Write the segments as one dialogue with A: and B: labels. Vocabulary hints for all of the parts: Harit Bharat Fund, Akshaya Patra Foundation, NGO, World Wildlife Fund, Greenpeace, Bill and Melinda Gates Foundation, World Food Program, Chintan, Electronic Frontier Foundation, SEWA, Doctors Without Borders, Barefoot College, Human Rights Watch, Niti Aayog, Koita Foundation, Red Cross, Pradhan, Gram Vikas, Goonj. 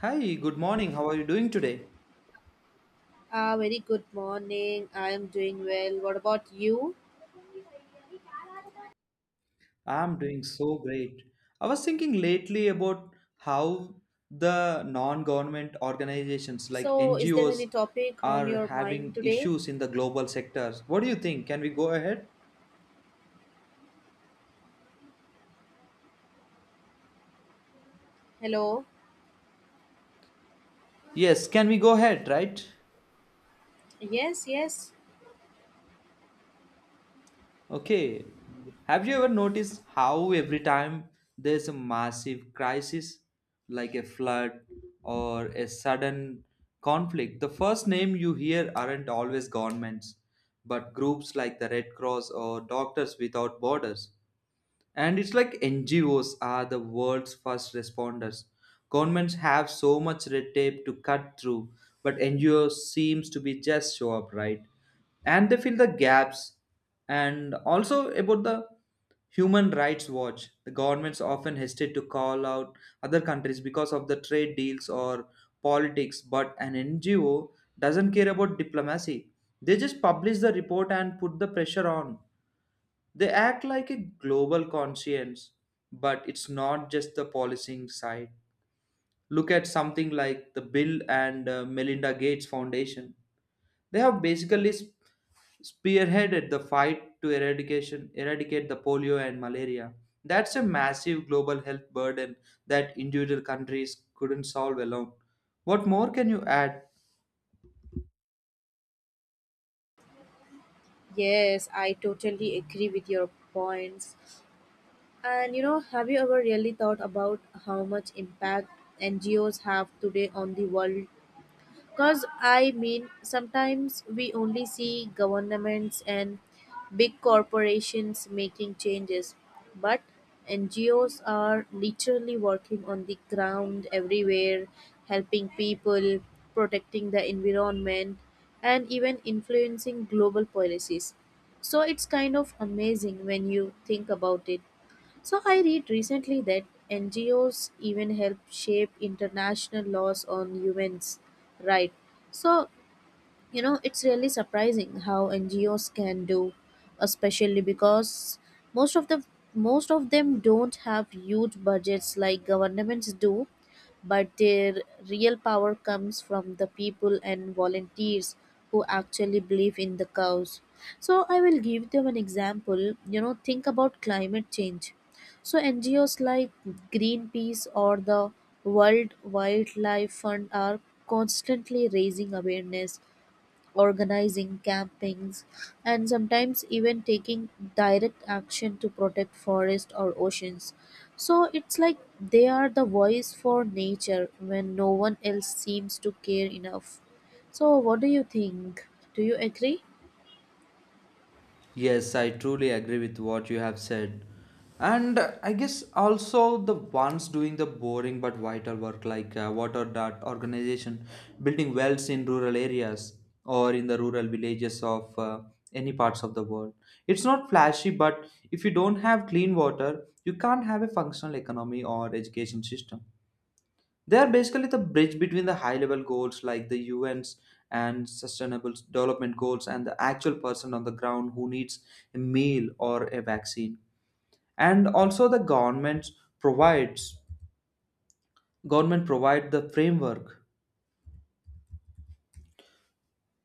A: Hi, good morning. How are you doing today?
B: Very good morning. I am doing well. What about you?
A: I'm doing so great. I was thinking lately about how the non-government organizations like
B: So, is there
A: NGOs
B: any topic on
A: are
B: your mind
A: having
B: today?
A: issues in the global sectors. What do you think? Can we go ahead?
B: Hello?
A: Yes, can we go ahead, right?
B: Yes, yes.
A: Okay. Have you ever noticed how every time there's a massive crisis, like a flood or a sudden conflict, the first name you hear aren't always governments, but groups like the Red Cross or Doctors Without Borders? And it's like NGOs are the world's first responders. Governments have so much red tape to cut through, but NGOs seems to be just show up, right? And they fill the gaps. And also about the Human Rights Watch, the governments often hesitate to call out other countries because of the trade deals or politics, but an NGO doesn't care about diplomacy. They just publish the report and put the pressure on. They act like a global conscience, but it's not just the policing side. Look at something like the Bill and Melinda Gates Foundation. They have basically spearheaded the fight to eradicate the polio and malaria. That's a massive global health burden that individual countries couldn't solve alone. What more can you add?
B: Yes, I totally agree with your points. And you know, have you ever really thought about how much impact NGOs have today on the world? Because I mean, sometimes we only see governments and big corporations making changes, but NGOs are literally working on the ground everywhere, helping people, protecting the environment, and even influencing global policies. So it's kind of amazing when you think about it. So I read recently that NGOs even help shape international laws on human's right. So you know, it's really surprising how NGOs can do, especially because most of the most of them don't have huge budgets like governments do, but their real power comes from the people and volunteers who actually believe in the cause. So I will give them an example. You know, think about climate change. So NGOs like Greenpeace or the World Wildlife Fund are constantly raising awareness, organizing campings, and sometimes even taking direct action to protect forests or oceans. So it's like they are the voice for nature when no one else seems to care enough. So what do you think? Do you agree?
A: Yes, I truly agree with what you have said. And I guess also the ones doing the boring but vital work like water dot organization, building wells in rural areas or in the rural villages of any parts of the world. It's not flashy, but if you don't have clean water, you can't have a functional economy or education system. They are basically the bridge between the high level goals like the UN's and sustainable development goals and the actual person on the ground who needs a meal or a vaccine. And also the governments provides government provide the framework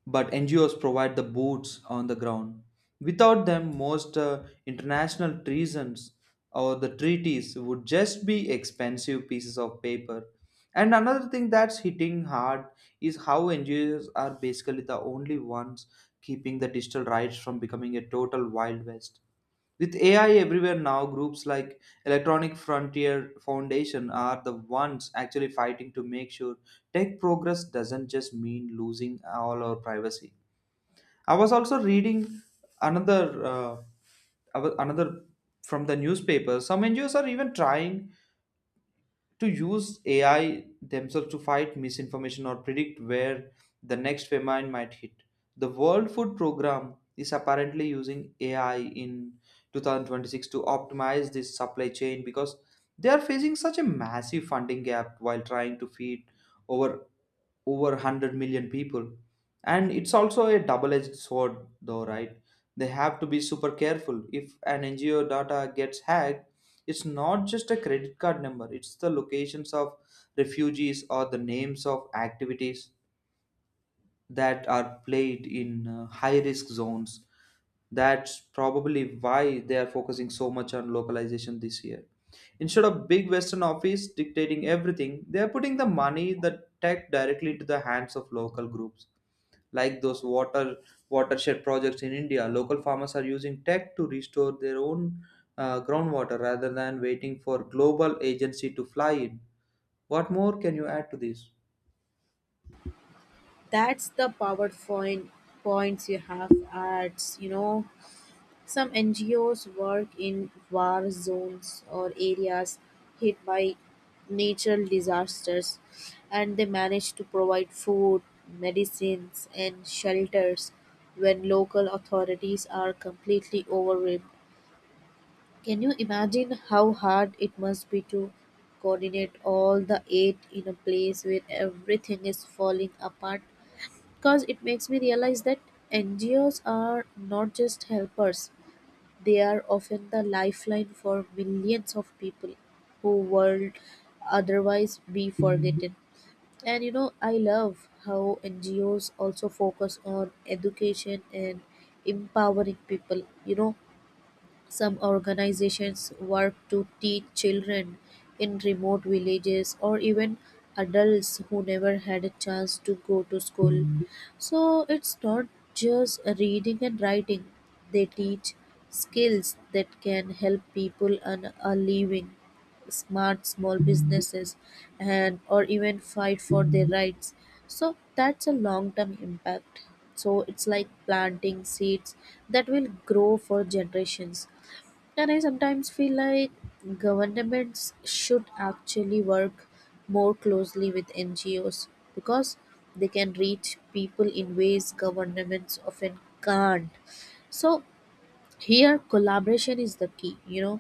A: but NGOs provide the boots on the ground. Without them, most international treasons or the treaties would just be expensive pieces of paper. And another thing that's hitting hard is how NGOs are basically the only ones keeping the digital rights from becoming a total wild west. With AI everywhere now, groups like Electronic Frontier Foundation are the ones actually fighting to make sure tech progress doesn't just mean losing all our privacy. I was also reading another another from the newspaper. Some NGOs are even trying to use AI themselves to fight misinformation or predict where the next famine might hit. The World Food Program is apparently using AI in 2026 to optimize this supply chain because they are facing such a massive funding gap while trying to feed over over 100 million people. And it's also a double edged sword, though, right? They have to be super careful. If an NGO data gets hacked, it's not just a credit card number, it's the locations of refugees or the names of activities that are played in high risk zones. That's probably why they are focusing so much on localization this year instead of big western office dictating everything. They are putting the money, the tech directly into the hands of local groups like those water watershed projects in India. Local farmers are using tech to restore their own groundwater rather than waiting for global agency to fly in. What more can you add to this?
B: That's the power point points you have, at you know, some NGOs work in war zones or areas hit by natural disasters, and they manage to provide food, medicines, and shelters when local authorities are completely overwhelmed. Can you imagine how hard it must be to coordinate all the aid in a place where everything is falling apart? Because it makes me realize that NGOs are not just helpers, they are often the lifeline for millions of people who would otherwise be forgotten. And you know, I love how NGOs also focus on education and empowering people. You know, some organizations work to teach children in remote villages or even adults who never had a chance to go to school. So it's not just reading and writing, they teach skills that can help people earn a living, smart small businesses, and or even fight for their rights. So that's a long term impact. So it's like planting seeds that will grow for generations. And I sometimes feel like governments should actually work more closely with NGOs because they can reach people in ways governments often can't. So here collaboration is the key, you know.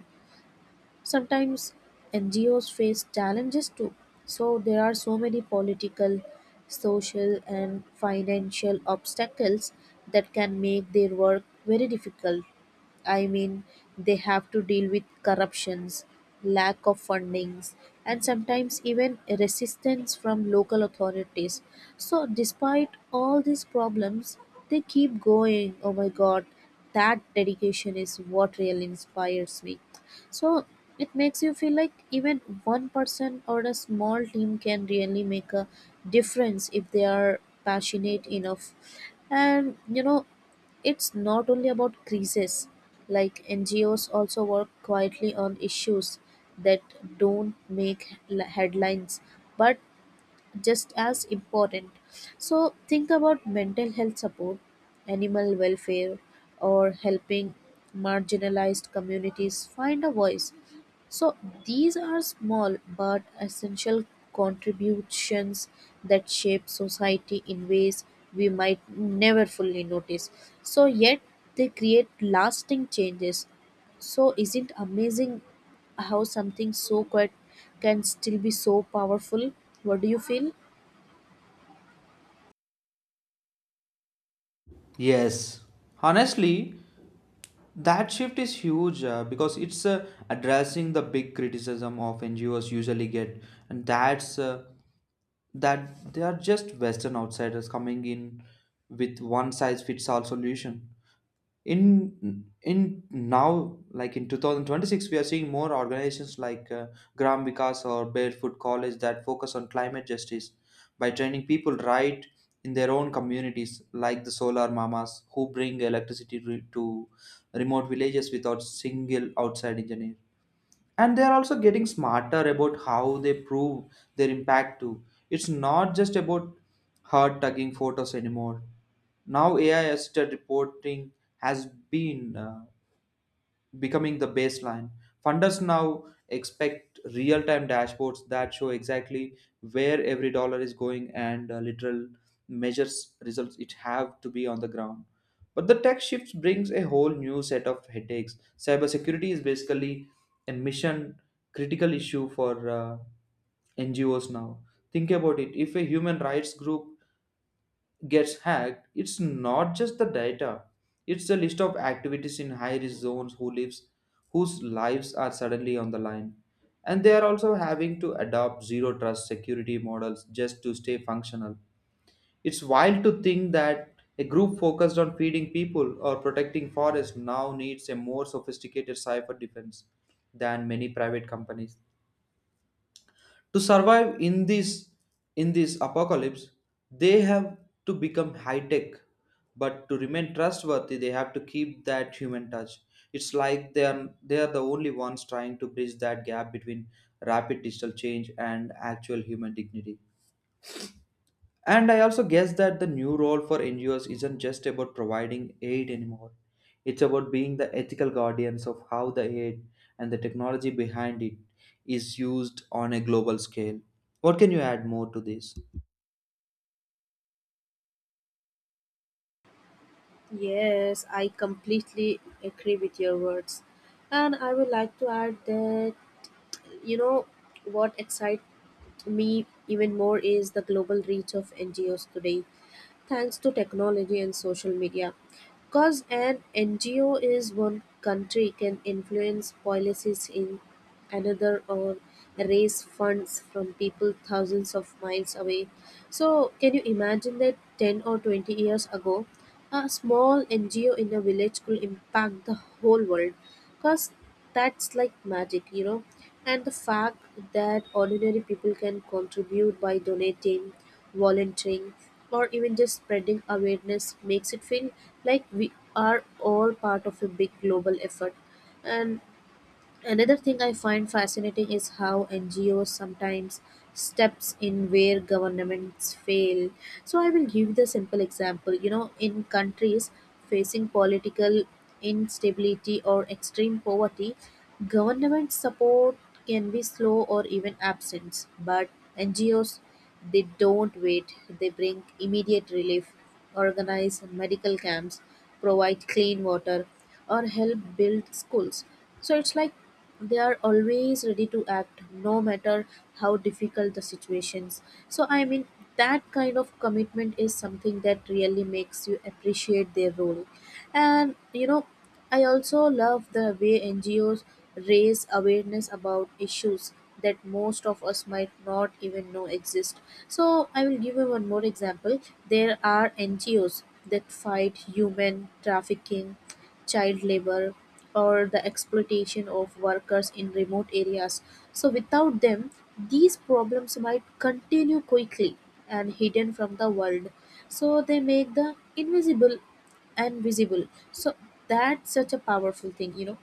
B: Sometimes NGOs face challenges too. So there are so many political, social and financial obstacles that can make their work very difficult. I mean, they have to deal with corruptions, lack of fundings, and sometimes even resistance from local authorities. So, despite all these problems, they keep going. Oh my god, that dedication is what really inspires me. So, it makes you feel like even one person or a small team can really make a difference if they are passionate enough. And you know, it's not only about creases, like NGOs also work quietly on issues that don't make headlines but just as important. So think about mental health support, animal welfare, or helping marginalized communities find a voice. So these are small but essential contributions that shape society in ways we might never fully notice. So yet they create lasting changes. So isn't amazing how something so quiet can still be so powerful? What do you feel?
A: Yes, honestly, that shift is huge because it's addressing the big criticism of NGOs usually get, and that's that they are just Western outsiders coming in with one size fits all solution. In now, like in 2026, we are seeing more organizations like gram vikas or barefoot college that focus on climate justice by training people right in their own communities, like the solar mamas who bring electricity to remote villages without single outside engineer. And they are also getting smarter about how they prove their impact too. It's not just about hard tugging photos anymore. Now AI assisted reporting has been becoming the baseline. Funders now expect real time dashboards that show exactly where every dollar is going, and literal measures results it have to be on the ground. But the tech shift brings a whole new set of headaches. Cybersecurity is basically a mission critical issue for NGOs now. Think about it. If a human rights group gets hacked, it's not just the data. It's a list of activities in high-risk zones, whose lives are suddenly on the line. And they are also having to adopt zero trust security models just to stay functional. It's wild to think that a group focused on feeding people or protecting forests now needs a more sophisticated cyber defense than many private companies to survive in this apocalypse. They have to become high tech, but to remain trustworthy they have to keep that human touch. It's like they are the only ones trying to bridge that gap between rapid digital change and actual human dignity. And I also guess that the new role for NGOs isn't just about providing aid anymore. It's about being the ethical guardians of how the aid and the technology behind it is used on a global scale. What can you add more to this?
B: Yes, I completely agree with your words. And I would like to add that, you know, what excites me even more is the global reach of NGOs today, thanks to technology and social media. Because an NGO is one country can influence policies in another or raise funds from people thousands of miles away. So, can you imagine that 10 or 20 years ago, a small NGO in a village could impact the whole world? Because that's like magic, you know. And the fact that ordinary people can contribute by donating, volunteering, or even just spreading awareness makes it feel like we are all part of a big global effort. And another thing I find fascinating is how NGOs sometimes steps in where governments fail. So I will give the simple example. You know, in countries facing political instability or extreme poverty, government support can be slow or even absent. But NGOs, they don't wait. They bring immediate relief, organize medical camps, provide clean water, or help build schools. So it's like they are always ready to act no matter how difficult the situations. So I mean that kind of commitment is something that really makes you appreciate their role. And you know, I also love the way NGOs raise awareness about issues that most of us might not even know exist. So, I will give you one more example. There are NGOs that fight human trafficking, child labor, or the exploitation of workers in remote areas. So, without them, these problems might continue quickly and hidden from the world. So, they make the invisible and visible. So that's such a powerful thing, you know.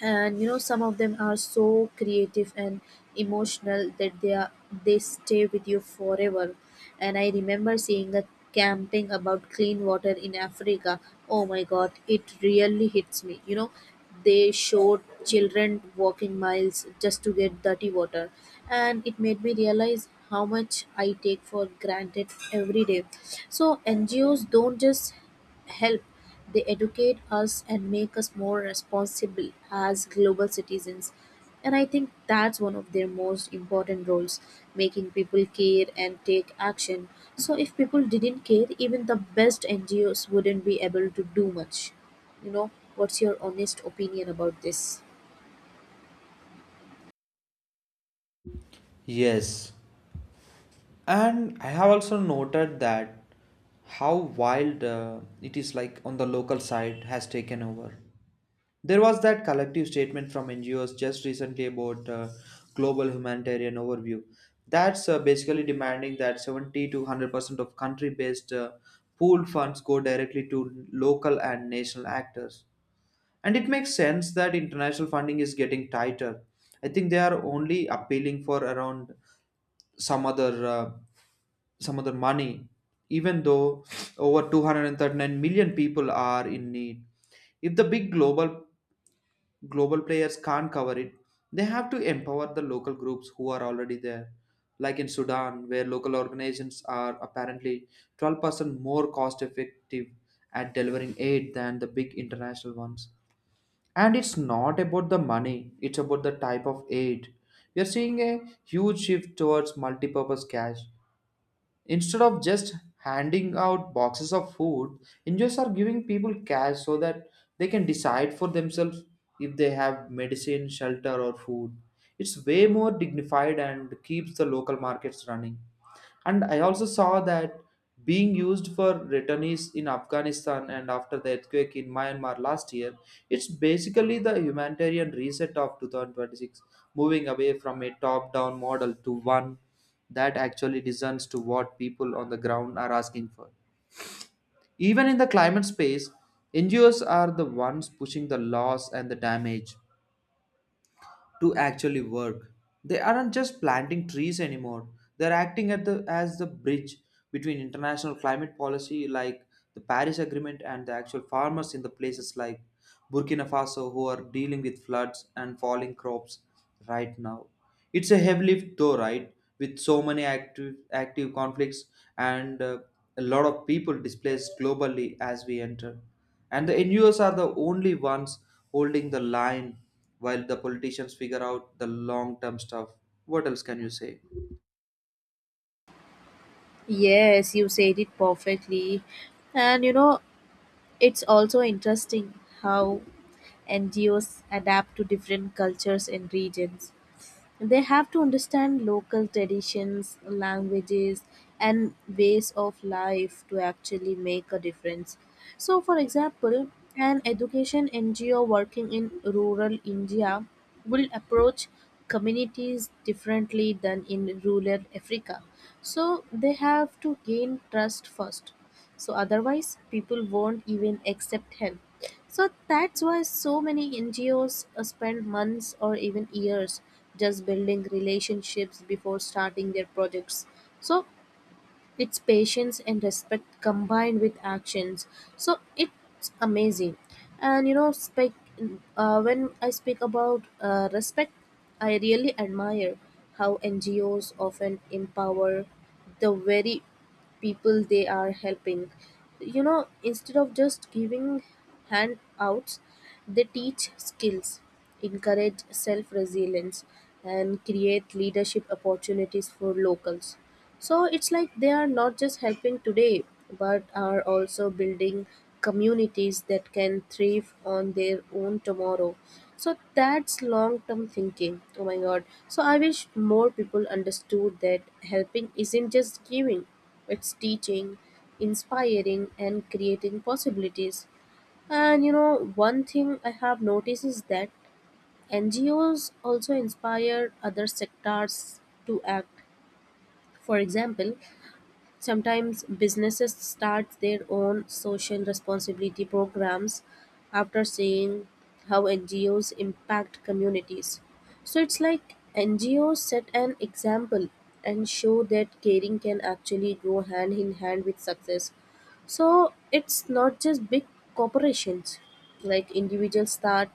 B: And you know, some of them are so creative and emotional that they stay with you forever. And I remember seeing a camping about clean water in Africa. Oh my god, it really hits me, you know. They showed children walking miles just to get dirty water, and it made me realize how much I take for granted every day. So NGOs don't just help. They educate us and make us more responsible as global citizens. And I think that's one of their most important roles, making people care and take action. So, if people didn't care, even the best NGOs wouldn't be able to do much. You know, what's your honest opinion about this?
A: Yes, and I have also noted that how wild it is, like on the local side has taken over. There was that collective statement from NGOs just recently about global humanitarian overview. That's basically demanding that 70 to 100% of country based pooled funds go directly to local and national actors. And it makes sense that international funding is getting tighter. I think they are only appealing for around some other uh, some other money, even though over 239 million people are in need. If the big global players can't cover it, they have to empower the local groups who are already there, like in Sudan, where local organizations are apparently 12% more cost effective at delivering aid than the big international ones. And it's not about the money, it's about the type of aid. We are seeing a huge shift towards multi-purpose cash. Instead of just handing out boxes of food, NGOs are giving people cash so that they can decide for themselves if they have medicine, shelter, or food. It's way more dignified and keeps the local markets running. And I also saw that being used for returnees in Afghanistan and after the earthquake in Myanmar last year. It's basically the humanitarian reset of 2026, moving away from a top down model to one that actually listens to what people on the ground are asking for. Even in the climate space, NGOs are the ones pushing the loss and the damage to actually work. They aren't just planting trees anymore. They're acting at as the bridge between international climate policy like the Paris Agreement and the actual farmers in the places like Burkina Faso who are dealing with floods and falling crops right now. It's a heavy lift, though, right? With so many active conflicts and a lot of people displaced globally as we enter, and the NGOs are the only ones holding the line while the politicians figure out the long term stuff. What else can you say?
B: Yes, you said it perfectly. And you know, it's also interesting how NGOs adapt to different cultures and regions. They have to understand local traditions, languages, and ways of life to actually make a difference. So, for example, an education NGO working in rural India will approach communities differently than in rural Africa. So, they have to gain trust first. So, otherwise, people won't even accept help. So that's why so many NGOs spend months or even years just building relationships before starting their projects. So it's patience and respect combined with actions. So it's amazing. And you know, when I speak about respect, I really admire how NGOs often empower the very people they are helping. You know, instead of just giving handouts, they teach skills, encourage self resilience, and create leadership opportunities for locals. So it's like they are not just helping today, but are also building communities that can thrive on their own tomorrow. So that's long term thinking. Oh my god, so I wish more people understood that helping isn't just giving, it's teaching, inspiring, and creating possibilities. And you know, one thing I have noticed is that NGOs also inspire other sectors to act. For example, sometimes businesses start their own social responsibility programs after seeing how NGOs impact communities. So it's like NGOs set an example and show that caring can actually go hand in hand with success. So it's not just big corporations, like individuals start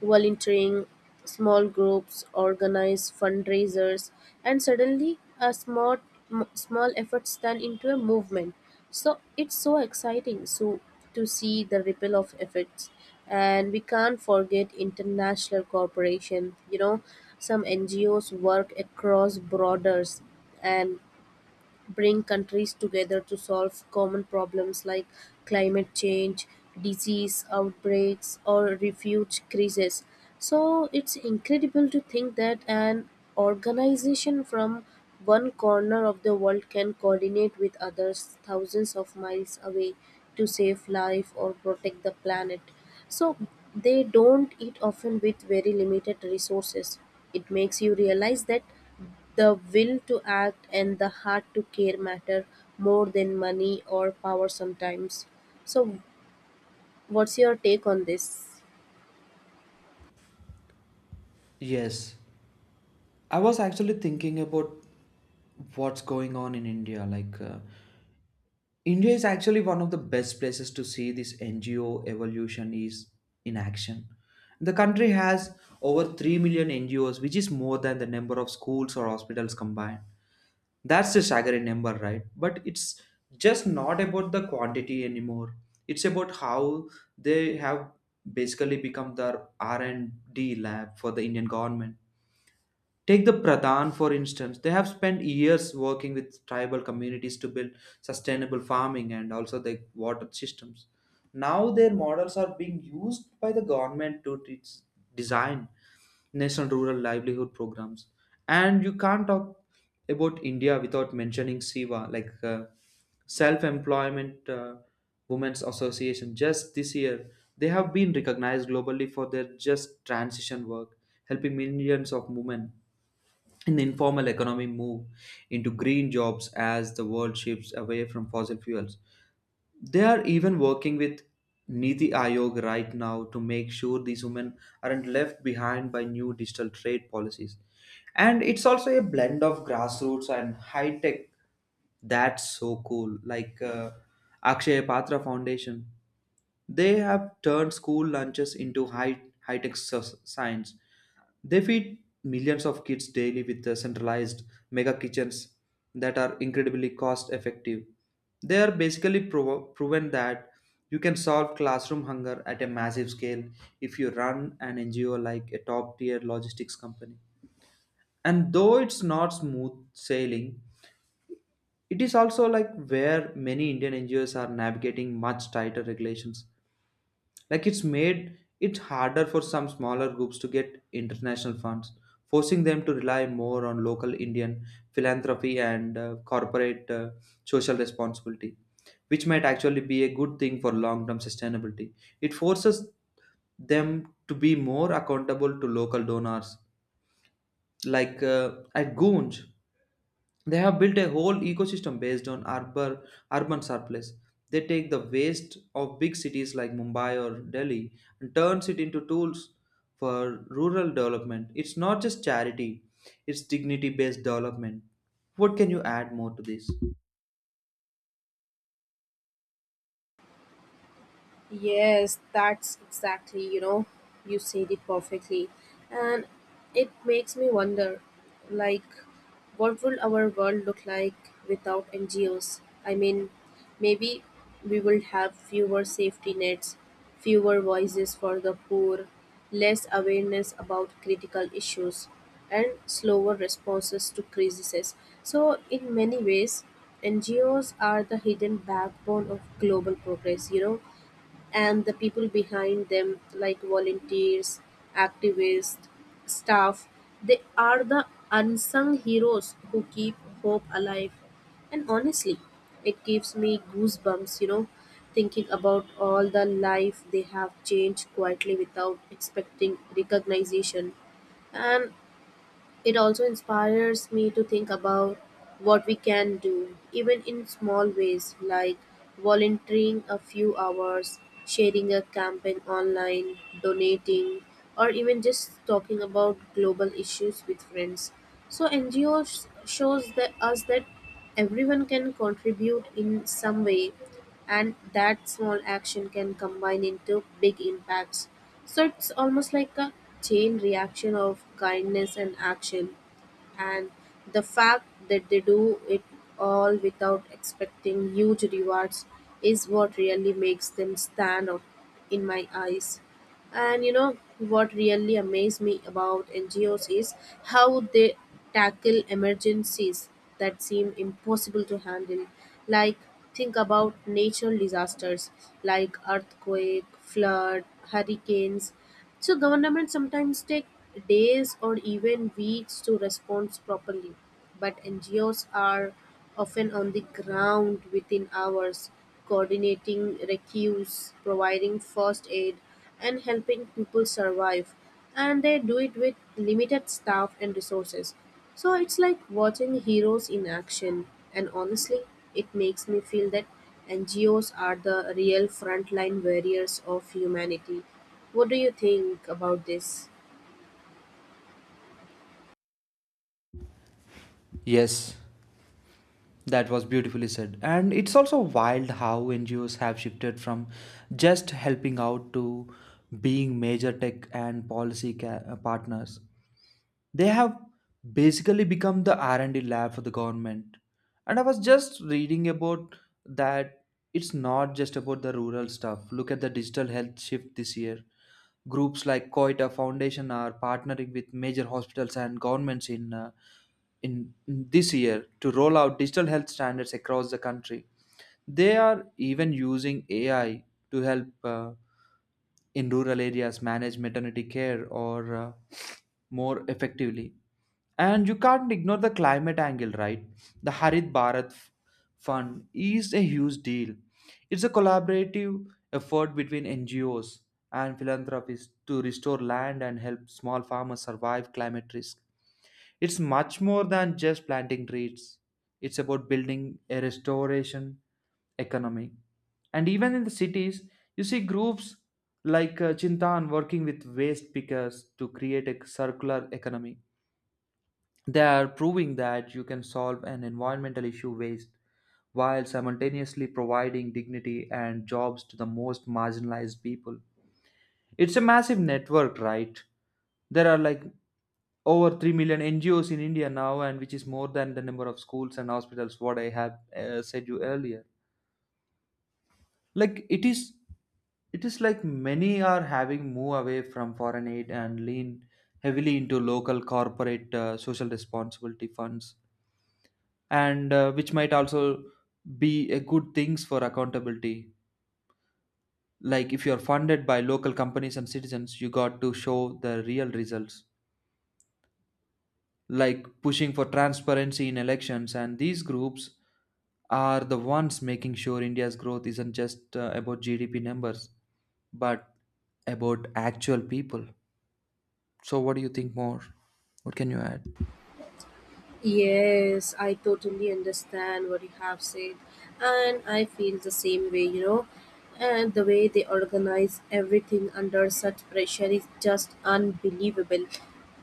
B: volunteering, small groups, organize fundraisers, and suddenly a small, small efforts turn into a movement. So it's so exciting, so, to see the ripple of efforts. And we can't forget international cooperation. You know, some NGOs work across borders and bring countries together to solve common problems like climate change, disease outbreaks, or refuge crises. So it's incredible to think that an organization from one corner of the world can coordinate with others thousands of miles away to save life or protect the planet. So they don't eat often with very limited resources. It makes you realize that the will to act and the heart to care matter more than money or power sometimes. So, what's your take on this?
A: Yes, I was actually thinking about what's going on in India. Like, India is actually one of the best places to see this NGO evolution is in action. The country has over 3 million NGOs, which is more than the number of schools or hospitals combined. That's a staggering number, right? But it's just not about the quantity anymore. It's about how they have basically become the R&D lab for the Indian government. Take the Pradhan, for instance. They have spent years working with tribal communities to build sustainable farming and also the water systems. Now their models are being used by the government to design national rural livelihood programs. And you can't talk about India without mentioning SIVA, like Self Employment Women's Association. Just this year, they have been recognized globally for their just transition work, helping millions of women and the informal economy move into green jobs as the world shifts away from fossil fuels. They are even working with Niti Aayog right now to make sure these women aren't left behind by new digital trade policies. And it's also a blend of grassroots and high tech. That's so cool. Like Akshaya Patra Foundation, they have turned school lunches into high tech science. They feed millions of kids daily with the centralized mega kitchens that are incredibly cost effective. They are basically proven that you can solve classroom hunger at a massive scale if you run an NGO like a top tier logistics company. And though it's not smooth sailing, it is also like where many Indian NGOs are navigating much tighter regulations, like it's made it harder for some smaller groups to get international funds, forcing them to rely more on local Indian philanthropy and corporate social responsibility, which might actually be a good thing for long term sustainability. It forces them to be more accountable to local donors. Like at Goonj, they have built a whole ecosystem based on urban surplus. They take the waste of big cities like Mumbai or Delhi and turns it into tools for rural development. It's not just charity, it's dignity based development. What can you add more to this?
B: Yes, that's exactly, you know, you said it perfectly. And it makes me wonder like, what would our world look like without NGOs? I mean, maybe we would have fewer safety nets, fewer voices for the poor, less awareness about critical issues, and slower responses to crises. So, in many ways, NGOs are the hidden backbone of global progress, you know, and the people behind them, like volunteers, activists, staff, they are the unsung heroes who keep hope alive. And honestly, it gives me goosebumps, you know, thinking about all the life they have changed quietly without expecting recognition. And it also inspires me to think about what we can do, even in small ways, like volunteering a few hours, sharing a campaign online, donating, or even just talking about global issues with friends. So NGOs shows that us that everyone can contribute in some way and that small action can combine into big impacts. So it's almost like a chain reaction of kindness and action. And the fact that they do it all without expecting huge rewards is what really makes them stand out in my eyes. And you know what really amazed me about NGOs is how they tackle emergencies that seem impossible to handle. Like think about natural disasters like earthquake, flood, hurricanes. So governments sometimes take days or even weeks to respond properly, but NGOs are often on the ground within hours, coordinating rescues, providing first aid, and helping people survive, and they do it with limited staff and resources. So it's like watching heroes in action, and honestly, it makes me feel that NGOs are the real frontline warriors of humanity. What do you think about this?
A: Yes, that was beautifully said. And it's also wild how NGOs have shifted from just helping out to being major tech and policy partners. They have basically become the r&d lab for the government, and I was just reading about that. It's not just about the rural stuff, look at the digital health shift this year. Groups like Koita Foundation are partnering with major hospitals and governments in in this year to roll out digital health standards across the country. They are even using AI to help in rural areas manage maternity care or more effectively. And you can't ignore the climate angle, right? The Fund is a huge deal. It's a collaborative effort between NGOs and philanthropists to restore land and help small farmers survive climate risk. It's much more than just planting trees. It's about building a restoration economy. And even in the cities, you see groups like Chintan working with waste pickers to create a circular economy. They are proving that you can solve an environmental issue waste while simultaneously providing dignity and jobs to the most marginalized people. It's a massive network, right? There are like over 3 million NGOs in India now, and which is more than the number of schools and hospitals what I have said you earlier. Like it is like many are having move away from foreign aid and lean heavily into local corporate social responsibility funds, and which might also be a good things for accountability, like if you are funded by local companies and citizens, you got to show the real results, like pushing for transparency in elections, and these groups are the ones making sure India's growth isn't just about GDP numbers, but about actual people. So what do you think more? What can you add?
B: Yes, I totally understand what you have said, and I feel the same way, you know. And the way they organize everything under such pressure is just unbelievable.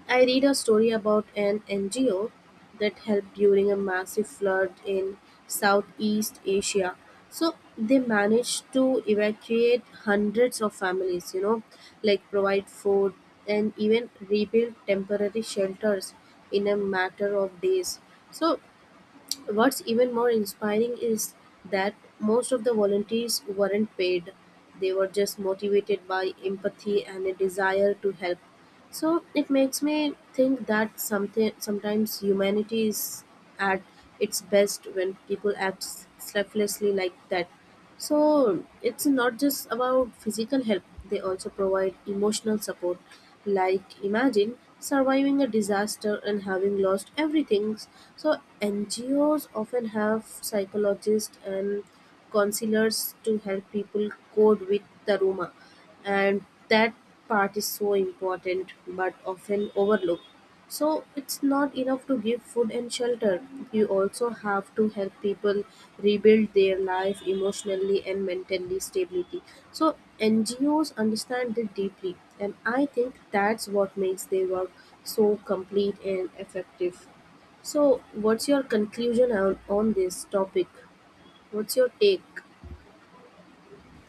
B: I read a story about an NGO that helped during a massive flood in Southeast Asia. So they managed to evacuate hundreds of families, you know, like provide food and even rebuild temporary shelters in a matter of days. So what's even more inspiring is that most of the volunteers weren't paid. They were just motivated by empathy and a desire to help. So it makes me think that something sometimes humanity is at its best when people act selflessly like that. So it's not just about physical help, they also provide emotional support. Like, imagine surviving a disaster and having lost everything. So, NGOs often have psychologists and counselors to help people cope with the trauma, and that part is so important but often overlooked. So it's not enough to give food and shelter. You also have to help people rebuild their life emotionally and mentally stability. So NGOs understand it deeply and I think that's what makes their work so complete and effective. So what's your conclusion on this topic? What's your take?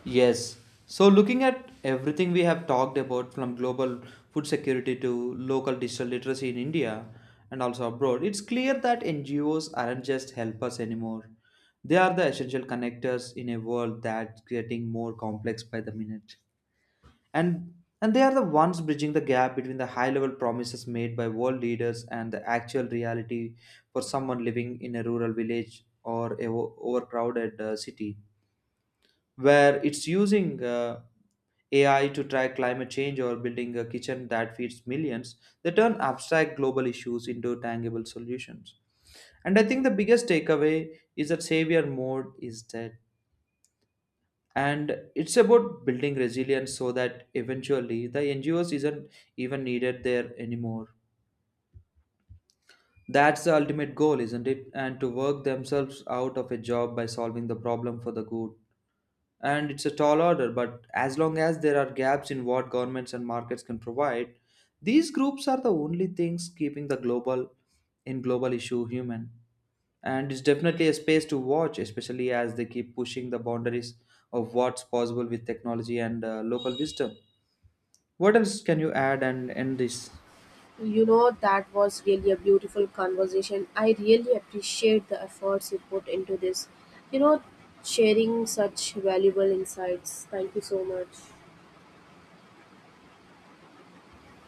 A: Yes. So, looking at everything we have talked about from global food security to local digital literacy in India and also abroad, it's clear that NGOs aren't just helpers anymore. They are the essential connectors in a world that's getting more complex by the minute. And and they are the ones bridging the gap between the high level promises made by world leaders and the actual reality for someone living in a rural village or a overcrowded city, where it's using AI to track climate change or building a kitchen that feeds millions, they turn abstract global issues into tangible solutions. And I think the biggest takeaway is that savior mode is dead. And it's about building resilience so that eventually the NGOs isn't even needed there anymore. That's the ultimate goal, isn't it? And to work themselves out of a job by solving the problem for the good. And it's a tall order, but as long as there are gaps in what governments and markets can provide, these groups are the only things keeping the global in global issue human. And it's definitely a space to watch, especially as they keep pushing the boundaries of what's possible with technology and local wisdom. What else can you add and end this?
B: You know, that was really a beautiful conversation. I really appreciate the efforts you put into this. You know, sharing such valuable insights. Thank you so much.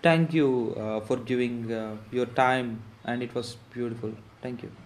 A: Thank you for giving your time, and it was beautiful. Thank you.